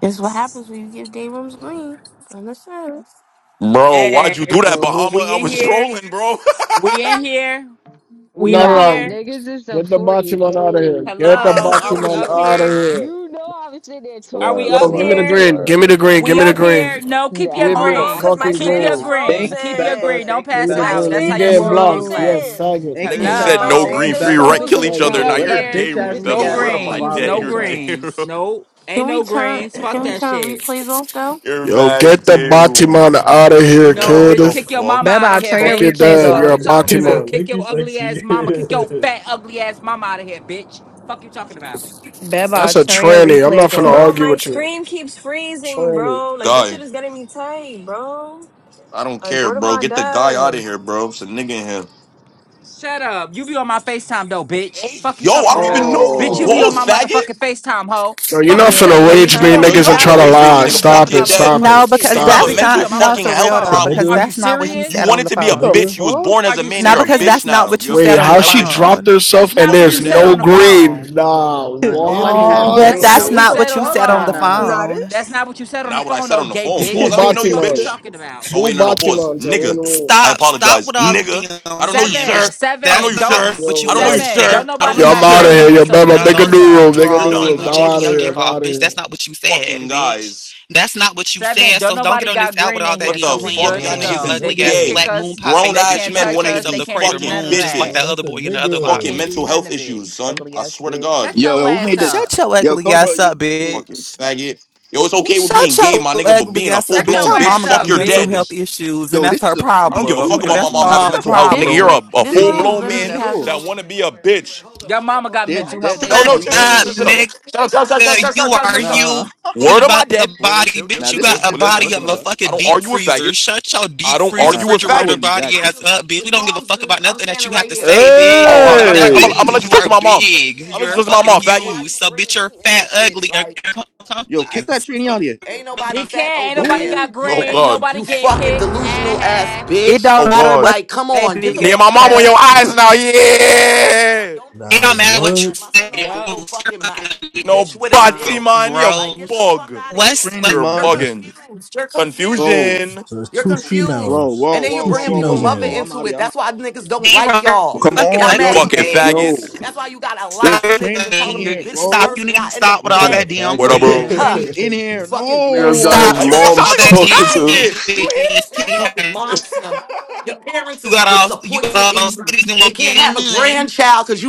That's what happens when you give day rooms green. Understand? Bro, why'd you do that, Yes. Well, who- Bahama? We I in was here. trolling, bro. We in here. We No, up no, Nah, no. here. niggas is a Get the Batimon out of here. 48. Get the Y'all I'm Hello. Are we Batimon up 48. out of here? here. You know I was sitting there What's the Are talking word? we What's to Yo, the up give me you. word? the What's the here? green. word? Give me the green. Give We me the up green. here. No, keep your Give me Hold the on, Nah. green. cause my fucking Keep screen your is green. Thank green. Keep you, your Beba. frozen. green. Don't Thank you, Give me pass it the My out. green. Beba. And That's you how screen your is Thank getting you. room get blocked. You're a clapped. Yo. frozen. faggot. Thank you, Niggas Wait, said My sexy. no Thank Hello. you, screen green is free Yo, You're Beba. keep rec, a it to kill frozen, each faggot, We other. yourself. Now up Well, you're that man. here. day bitch Keep room, ass it to nigga No Bebel. ass yourself. Word of talk to my Turn the greens. dead, violate No You're replays him off. day now. greens. room. No. can Ain't we no turn greens. Fuck can we that turn shit. replays off though? You're Yo, mad get the day Batimon room. out of here, Yeah, No, what kid. bitch, the kick your mama fuck? out of Beba, here, turn your Fuck your bitch. He replays dad. said, Fuck You're off. a you talking he about. said, Batimon. Kick think you your ugly ass sexy. mama. Kick That's your fat ugly ass mama out of here, bitch. Fuck you talking about. That's Beba, a turn your tranny. I'm not replays finna bro. off. argue My with you. screen keeps freezing, Tranny. bro. Like this shit Guy, is getting me tight, bro. I don't Like care, what am bro. I Get the guy out of doing? here, bro. It's a nigga in here. Shut up. You be on my FaceTime though, bitch. Hey, Fuck you yo, I talking don't even about. know you, Bitch, you Oh, be on balls my Oh, faggot. motherfucking FaceTime, hoe. Yo, If you're you Fuck not be you on the finna saying, bitch. rage You me want FaceTime, Yo, me to you're niggas get and not for out the of try to here rage, so I baby, lie. won't nigga. be Fuck Stop dropping your all it. the dead. Stop it. No, motherfucking tea. because And you have But Stop a that's bitch, it. you be mental not on my no fucking for motherfucking real health a though, phone. because problem. Are nigga. you that's not what You he you said on serious? wanted the to be That's a a What the phone. nigga. bitch. You was fuck? born Are as a you man. No, You're a because bitch that's not serious? now. what You you have said Wait, on mental the how health she issues. dropped phone. That's herself and not Fuck what you there's you're said no on the dead. green? phone. Nah, Nah, nobody Animated, have what? But That's bro. green. not that's Now, what you what not the said what on you the fuck? said on Nah, the phone. nah, nah, Not nah. phone. it. That's not what you said on the Not what I phone, said though, on the gay phone. Two Pause. I bitch. don't even know you, Fuck you Batiman. bitch. talking about? Oh Two wait, no, no, pause. Batimans. I Nigga. want I to Stop, stop apologize. with all the Nigga. I DM don't know you, playing, Seven, sir. bitch. I don't know That's seven, you, not don't sir. s- what you Yo, I don't know was nah. you, seven, sir. don't saying I don't on nobody know the Yo, you, I'm got out of green in sir. here. here, phone. Yo, You so put we baby. down make good a to new those rule. go. Make a You're new draws, you rule. done. was I I'm don't know you, jacking out of your here. dick I'm sir. off, out of bitch. here. That's not what you said, Fucking bitch. guys. That's not what you Seven, said. don't So don't get nobody on this got out with green all in that here, What so DM the oh, we playing, fuck? good to Y'all nah. bitch. That's You niggas a go. is They ugly ass can't kick gay. nigga. black moon us, pie Grown face, they ass bitch. You can't got men the touch wanting to face us, of they the be can't do crater fucking none moon, of just like that. Yo, that bitches. that's other a boy in the other They lot, Fucking nigga. can't bitch. do mental none health of it. issues, son. ugly I ass swear to bitch. Shut God. Yo, your yo, who ass made this? up. Shut your Yo, ugly Cobra, ass you, up, wait, Fucking bitch. faggot. Yo, it's what? okay with being Shut gay, your my nigga, but ugly being a ass full up, Shut bitch. your blown Your bitch, ass mama got fuck up, you're mental dead. health bitch. issues, and Yo, that's this her is a I free don't give a free problem. fuck And about rack my that's mom your having mama mental health, nigga. this You're problem, a, green a this There's full no room blown green literally bitch. man at has all. no that want to be a bitch. Your mama got There's mental that health No, no no, Shut issues, green chill, chill, at chill, up, all, chill, bitch. shut bro. nigga. up. Shut up, shut up, shut up, shut Yeah, up. shut up. you are Nah, huge Word of by my the dead. Wait, wait, body, chill, chill, bitch. nah, You chill, this got chill. is a Well, different. listen, I'm body listen, of not a gonna listen. lie. I fucking don't deep argue with freezer. faggots. Shut your I deep don't freezer Nah, argue with but I refrigerator wouldn't faggots. jack body this ass type of up, shit. bitch. We but don't give a fuck about nothing that you have to say, bitch. Oh, You uh, that's got matter a of fact, I'm gonna Hey, I'm diabetes tranny. and let you you talk are to my mom. I'm big. gonna let you You're talk to my fucking mom, huge. faggot. So, bitch, you're fat, ugly, and Yo, kick complicated. that tranny out of here. He can't. Ain't nobody Go, got green. Nobody getting kicked. Ah, ha. It Oh don't matter God. what you say, big fuck my fuck mom out on ass. your here. eyes now. face. Like, Yeah. It Nah, don't matter what you what? say. Yup. bro. You're fucking ugly. Bro, man. You're bros. What's what You're tranny So mud. that's Go, so there's two bro. shemales. Whoa, There's whoa, two whoa, whoa, whoa, shemales in whoa, whoa. here. I'm out of here. I'm D Robert, out. Come fucking on, yo, ugly names. faggots. yo. Stop There's trannies in playing. You here, stop. bro. You need to stop They with all called him a that damn What up, There's bro? playing. trannies in faggot. here. niggas No. got Stop. his Now uh, you just Stop sound all mom's like a that talking damn to playing. You faggot. You us. hear this nigga? You got all. You got all those cities and won't get in none.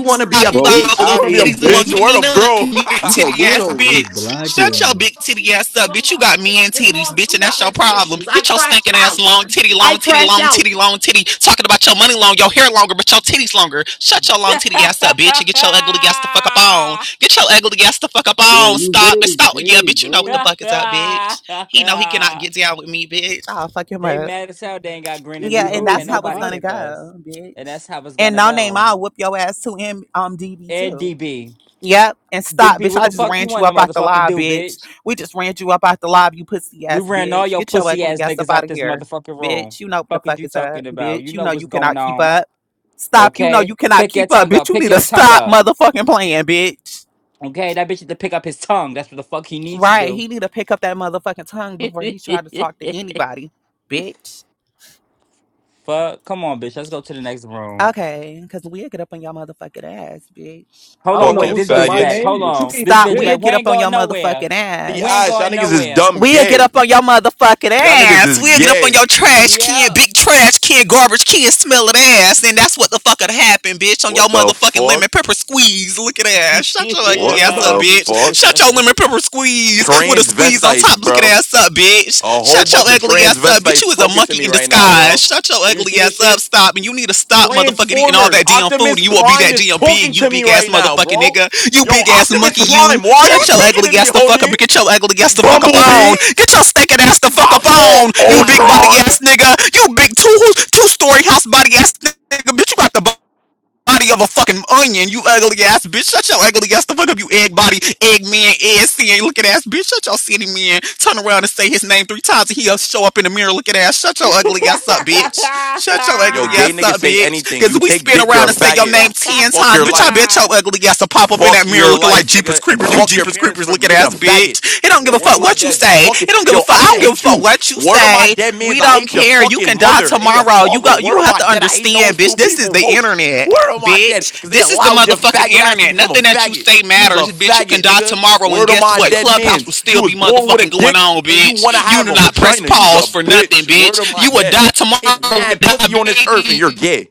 Stop Cause you Well, we all you those out of wanna be a here, titties and won't bitch. gang. give Word me up, none, bro. you These are titty ass nah, weirdos. they bitch. Shut your blacking. big titty ass up, bitch. You got men titties, bitch, and that's your problem. Get your stinking ass long titty, long titty, long titty, long titty. Talking about your money long, your hair longer, but your titties longer. Shut your long they titty ass up, bitch, and get your ugly ass the fuck up on. Get your ugly ass the fuck up Yo, on. you Stop and literally stop. Yeah, gay, bitch, you know what the bro. fuck is up, bitch. He know he cannot get down with me, bitch. I'll fuck him up. mad as hell. They ain't got green Yo, in B Yeah, this room. and Rose, that's Can't be how it's nobody honest. gonna kick us, go, and bitch. that's how it's And gonna no name, go. I'll whoop your ass too in um DB And too. DB, Yep, and stop, DB, bitch. what I the just fuck ran you you want up to out the motherfucking live, do, bitch. bitch? We just ran you up out the live, you pussy We ass ran all bitch. your Get your pussy ugly ass ass up niggas out out of this here, motherfucking room. bitch. You know what the Fucking fuck you is up, talking about? bitch. You You know know you what's going cannot keep on, up. Stop. You know okay? you cannot Pick your keep up, tongue bitch. up. You Pick need to your tongue stop up. motherfucking playing, bitch. Okay, that bitch need to pick up his tongue. That's what the fuck he needs to Right. do. He need to pick up that motherfucking tongue before he try to talk to anybody, bitch. fuck, come on, bitch. Let's go to the next room. Okay, because we'll get up on your motherfucking ass, bitch. Hold I on, don't know wait, Fucking who this said bitch my back. faggots. name, Hold but you on. can This Stop. bitch We'll dig. back. We get up ain't on going your nowhere. motherfucking The We ass. ain't eyes, y'all going niggas is nowhere. dumb We'll get gay. up on your motherfucking Y'all niggas ass. is We'll get up on gay. your trash can, Yep. big trash can, garbage can, smelling ass. And that's what the fuck would happen, bitch, on your What the motherfucking lemon fuck? pepper squeeze. Look at ass. Shut your ugly What ass Wait, yeah. up, the bitch. fuck? Shut your lemon pepper squeeze with a squeeze on top. Transvestites, Look at bro. ass up, bitch. A whole Shut your bunch of ugly ass up, bitch. You transvestites was a talking to monkey me in disguise right now, disguise. bro. Shut your Do you see ugly ass this up. shit? Stop. And you need to stop motherfucking eating all Transformers. that damn food. And Optimus you won't be Prime that is damn big, talking you to me big ass right now, motherfucking bro. nigga. You Yo, big ass Optimus monkey, you. Prime, why are you Shut your speaking ugly to me, ass the fuck homie? up. Get your ugly ass the fuck up Bumblebee, on. Get your stinking ass the fuck my up fault, on. You big body Ultron. ass nigga. You big two two story house body ass nigga. Bitch, you got the body of a fucking onion, you ugly ass bitch. Shut your ugly ass the fuck up, you egg body, egg man, egg seeing looking ass bitch. Shut your city man. Turn around and say his name three times and he'll show up in the mirror looking ass. Shut your ugly ass up, bitch. Shut your Yo, ugly gay ass niggas up, say bitch. anything. Cause You we take spin dick, you're around a and say your faggot. name ten Fuck times, your bitch. I life. bet your ugly ass will pop up in that Fuck mirror your looking like life, Jeepers nigga, and Creepers, you fuck your Jeepers parents Creepers for looking making a ass faggot. bitch. It don't give a Word of fuck my what you deads, I say. fucking It don't give a yo, fuck. I I don't even don't give a hate fuck you. what you Word of my say. dead We means I don't hate your care. You fucking can die mother and your tomorrow. You father. go. Word You of you have my to dead, I hate understand, those bitch. two This is people the most. internet, Word of my dead, bitch. cause they This is the allowed your motherfucking faggot ass to internet. become a Nothing that you faggot. say You was a matters, bitch. You can faggot, die nigga. tomorrow, and Word of guess my what? dead Clubhouse will means you still was be born with motherfucking a going dick on, and you wanna bitch. You have do a not press vagina. You was pause a for nothing, bitch. Word bitch. of my You will dead. die It's tomorrow with mad pussy on this earth and diabetes you're gay.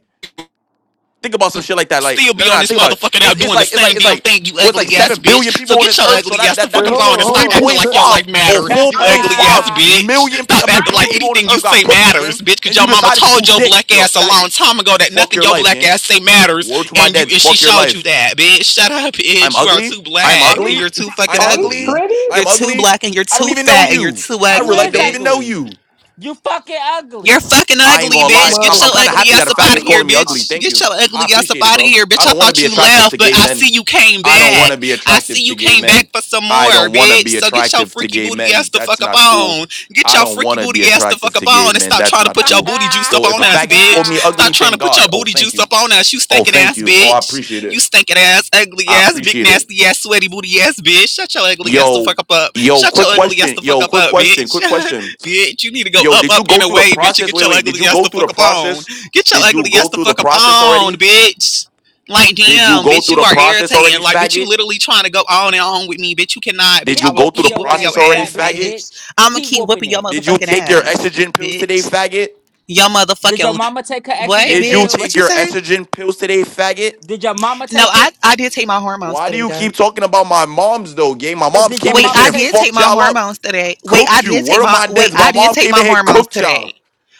Think about some shit like that. Like, still no, be no, no. on this Think about it. motherfucking out It's it's doing the like it's like same it's damn like thing, you what's like ugly ass seven billion bitch. So people on get this your earth. So ugly that ass the that that fuck up means hold on on, and hold stop three on. acting These point like tra- your five life or matter, these four you point ugly trainees, ass five bitch. million Stop people. I these mean, acting billion like trainees, people on anything this you earth got say pussies, matters, gang. bitch, cause And you your mama decided to do told your dick. black You're a ass a long faggot. time ago that Fuck nothing your your life, black gang. ass say Word matters to my and you dads. and she Fuck your showed you life. that, bitch. Shut up, I'm bitch. You are ugly. too I'm are black and these ugly. you're too fucking I'm are these ugly. ugly. You're I'm trainees? too ugly. black and you're I don't too even know fat and you're you. too I you real ugly, life is don't even bitch. know ugly. you. You fucking You're ugly. fucking I ain't ugly, gonna Yeah, I'm lie. bitch. out Get I'm, of I'm your here. kind of ugly Let me happy get up that ass a up out of out faggot's here. of Let me here, calling get me up ugly. bitch. Thank Get you. your I ugly ass up appreciate it, out of bro. here, I bitch. I don't want to thought be you attractive to left, but gay I see men. you came I don't want back. to be I attractive see to you gay came back men. for some I more, don't want to bitch. be So get your attractive to freaky gay booty ass men. the That's fuck up not cool. on. Get I your don't freaky want to booty be ass the attractive fuck up to gay on and men. stop That's trying to not put your cool. booty juice up So if on a us, faggot called bitch. me ugly, Stop trying thank to put God. your Oh, booty thank juice you. up on us, you Oh, stinking thank ass you. Oh, I bitch. appreciate You it. stinking ass, ugly I ass, big appreciate it. nasty ass, sweaty booty ass bitch. Shut your ugly ass the Yo, fuck up up. yo, Shut quick your ugly ass question. the fuck Yo, up quick up, question. bitch. Quick question. Bitch, you need to go Yo, up, did up you go in a through the way, bitch, and process? get Wait, your wait. Did ugly you ass go the through the fuck up on. process? Get your Did you ugly go ass the through the fuck up process on, already? bitch. Like, Did you damn, go bitch, through you the are process already, irritating. Like, bitch, you faggot? literally trying to go on and on with me. Bitch, you cannot. Did Bitch, I you Keep will go through whooping the keep your whooping ass, process your you already, fat ass, black faggot? bitch. bitch. I'm going to Keep keep whooping whooping your it. Did you motherfucking take your ass, estrogen pills today, bitch. faggot? Your Did your motherfucking. mama take her What, estrogen Did you bitch? pills? What take you your say? estrogen pills today, faggot? Did your mama No, take I, it? I did take my hormones Why do today, you though. keep talking about my moms though, gang? My Cause moms did your came in Wait, this shit mama I and take did it? take fucked my y'all up. hormones today. Wait, I Cooked you. did take Word of my. my Wait, dads. I My did mom take came my in here, hormones cooked y'all. today.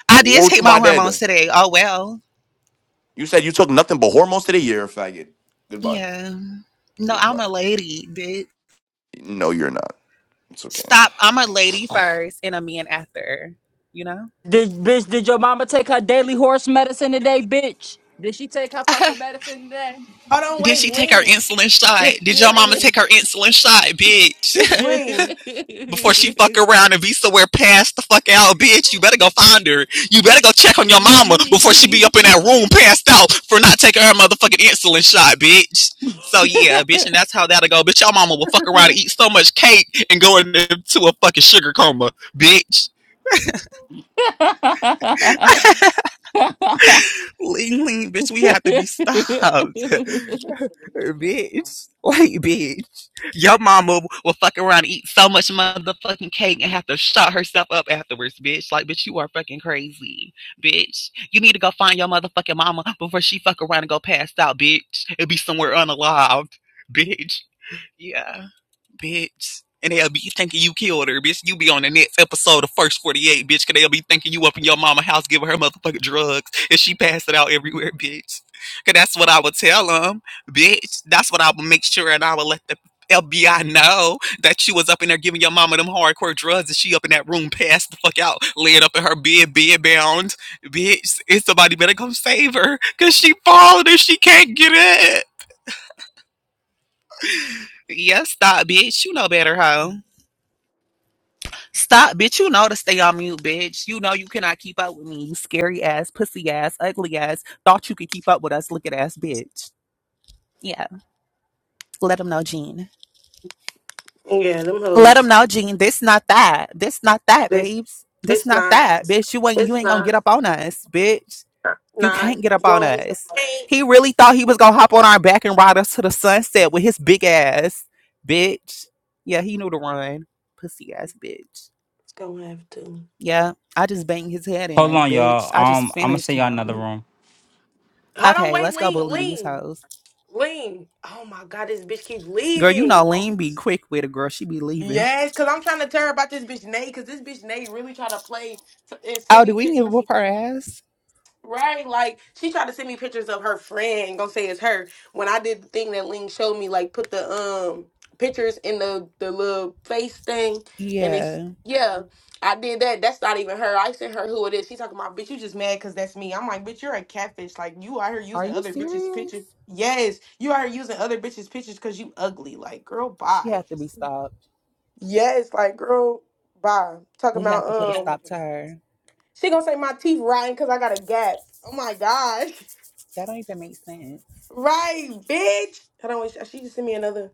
I did Word take to my my hormones dad. today. Oh, well. You said you took nothing but hormones today? You're a faggot. Goodbye. Yeah. No, I'm Goodbye. a lady, bitch. No, you're not. It's okay. Stop. I'm a lady first and a man after. You know? Did bitch? Did your mama take her daily horse medicine today, bitch? Did she take her fucking medicine today? Hold on, Did she wait, take her lean, insulin shot? Did your mama lean, take her insulin shot, bitch? lean. Before she fuck around and be somewhere past the fuck out, bitch, you better go find her. You better go check on your mama before she be up in that room passed out for not taking her motherfucking insulin shot, bitch. So yeah, bitch, and that's how that'll go. Bitch, your mama will fuck around and eat so much cake and go into a fucking sugar coma, bitch. Ling Ling, bitch, we have to be stopped. bitch. Like, bitch. Your mama will fuck around and eat so much motherfucking cake and have to shut herself up afterwards, bitch. Like, bitch, you are fucking crazy, bitch. You need to go find your motherfucking mama before she fuck around and go passed out, bitch. It'll be somewhere unalived, bitch. Yeah bitch. And they'll be thinking you killed her, bitch. You be on the next episode of First 48, bitch, because they'll be thinking you up in your mama house giving her motherfucking drugs and she passed it out everywhere, bitch. Because that's what I would tell them, bitch. That's what I would make sure and I would let the FBI know that you was up in there giving your mama them hardcore drugs and she up in that room passed the fuck out, laying up in her bed, bed bound. Bitch, and somebody better come save her because she falling and she can't get it. Yes, stop, bitch. You know better, hoe. Stop, bitch. You know to stay on mute, bitch. You know you cannot keep up with me, you scary ass, pussy ass, ugly ass. Thought you could keep up with us, look at ass, bitch. Yeah. Let them know, Gene. Yeah, them Let them hoes. know, Gene. This not that. This not that, This babes. This it's not not. that, bitch. You ain't you It's ain't gonna not. get up on us, bitch. You Not can't get up on won't. us. He It's really thought he was gonna hop on our back and ride us to the sunset with his big ass, bitch. Yeah, he knew to run, pussy ass, bitch. gonna have to. Yeah, I just banged his head Hold in, on, bitch. y'all. I just Um, I'm gonna finished send y'all another him. room. Hold on, Okay, wait, let's go lean, bully these lean, hoes. lean. Oh my god, this bitch keeps Girl, you know leaving. Lean be quick with it, girl. She be leaving. Yes, cause I'm trying to tell her about this bitch Nate, cause this bitch Nate really trying to play t- and send Oh, me do we need to pictures. whoop her ass? Right, like she tried to send me pictures of her friend, gonna say it's her. When I did the thing that Ling showed me, like put the um pictures in the the little face thing, and it's Yeah. yeah, I did that. That's not even her. I sent her who it is. She talking about bitch. You just mad because that's me. I'm like bitch. You're a catfish. Like you out here Are using you other bitches' serious? pictures. Yes, you out here using other bitches' pictures because you ugly. Like girl, She bye. had to be stopped. Yes, like girl, bye. Talking We had to put a about um, stop to her. she gonna say my teeth rotten because I got a gap. Oh my god. That don't even make sense. Right, bitch. I don't. She just sent me another.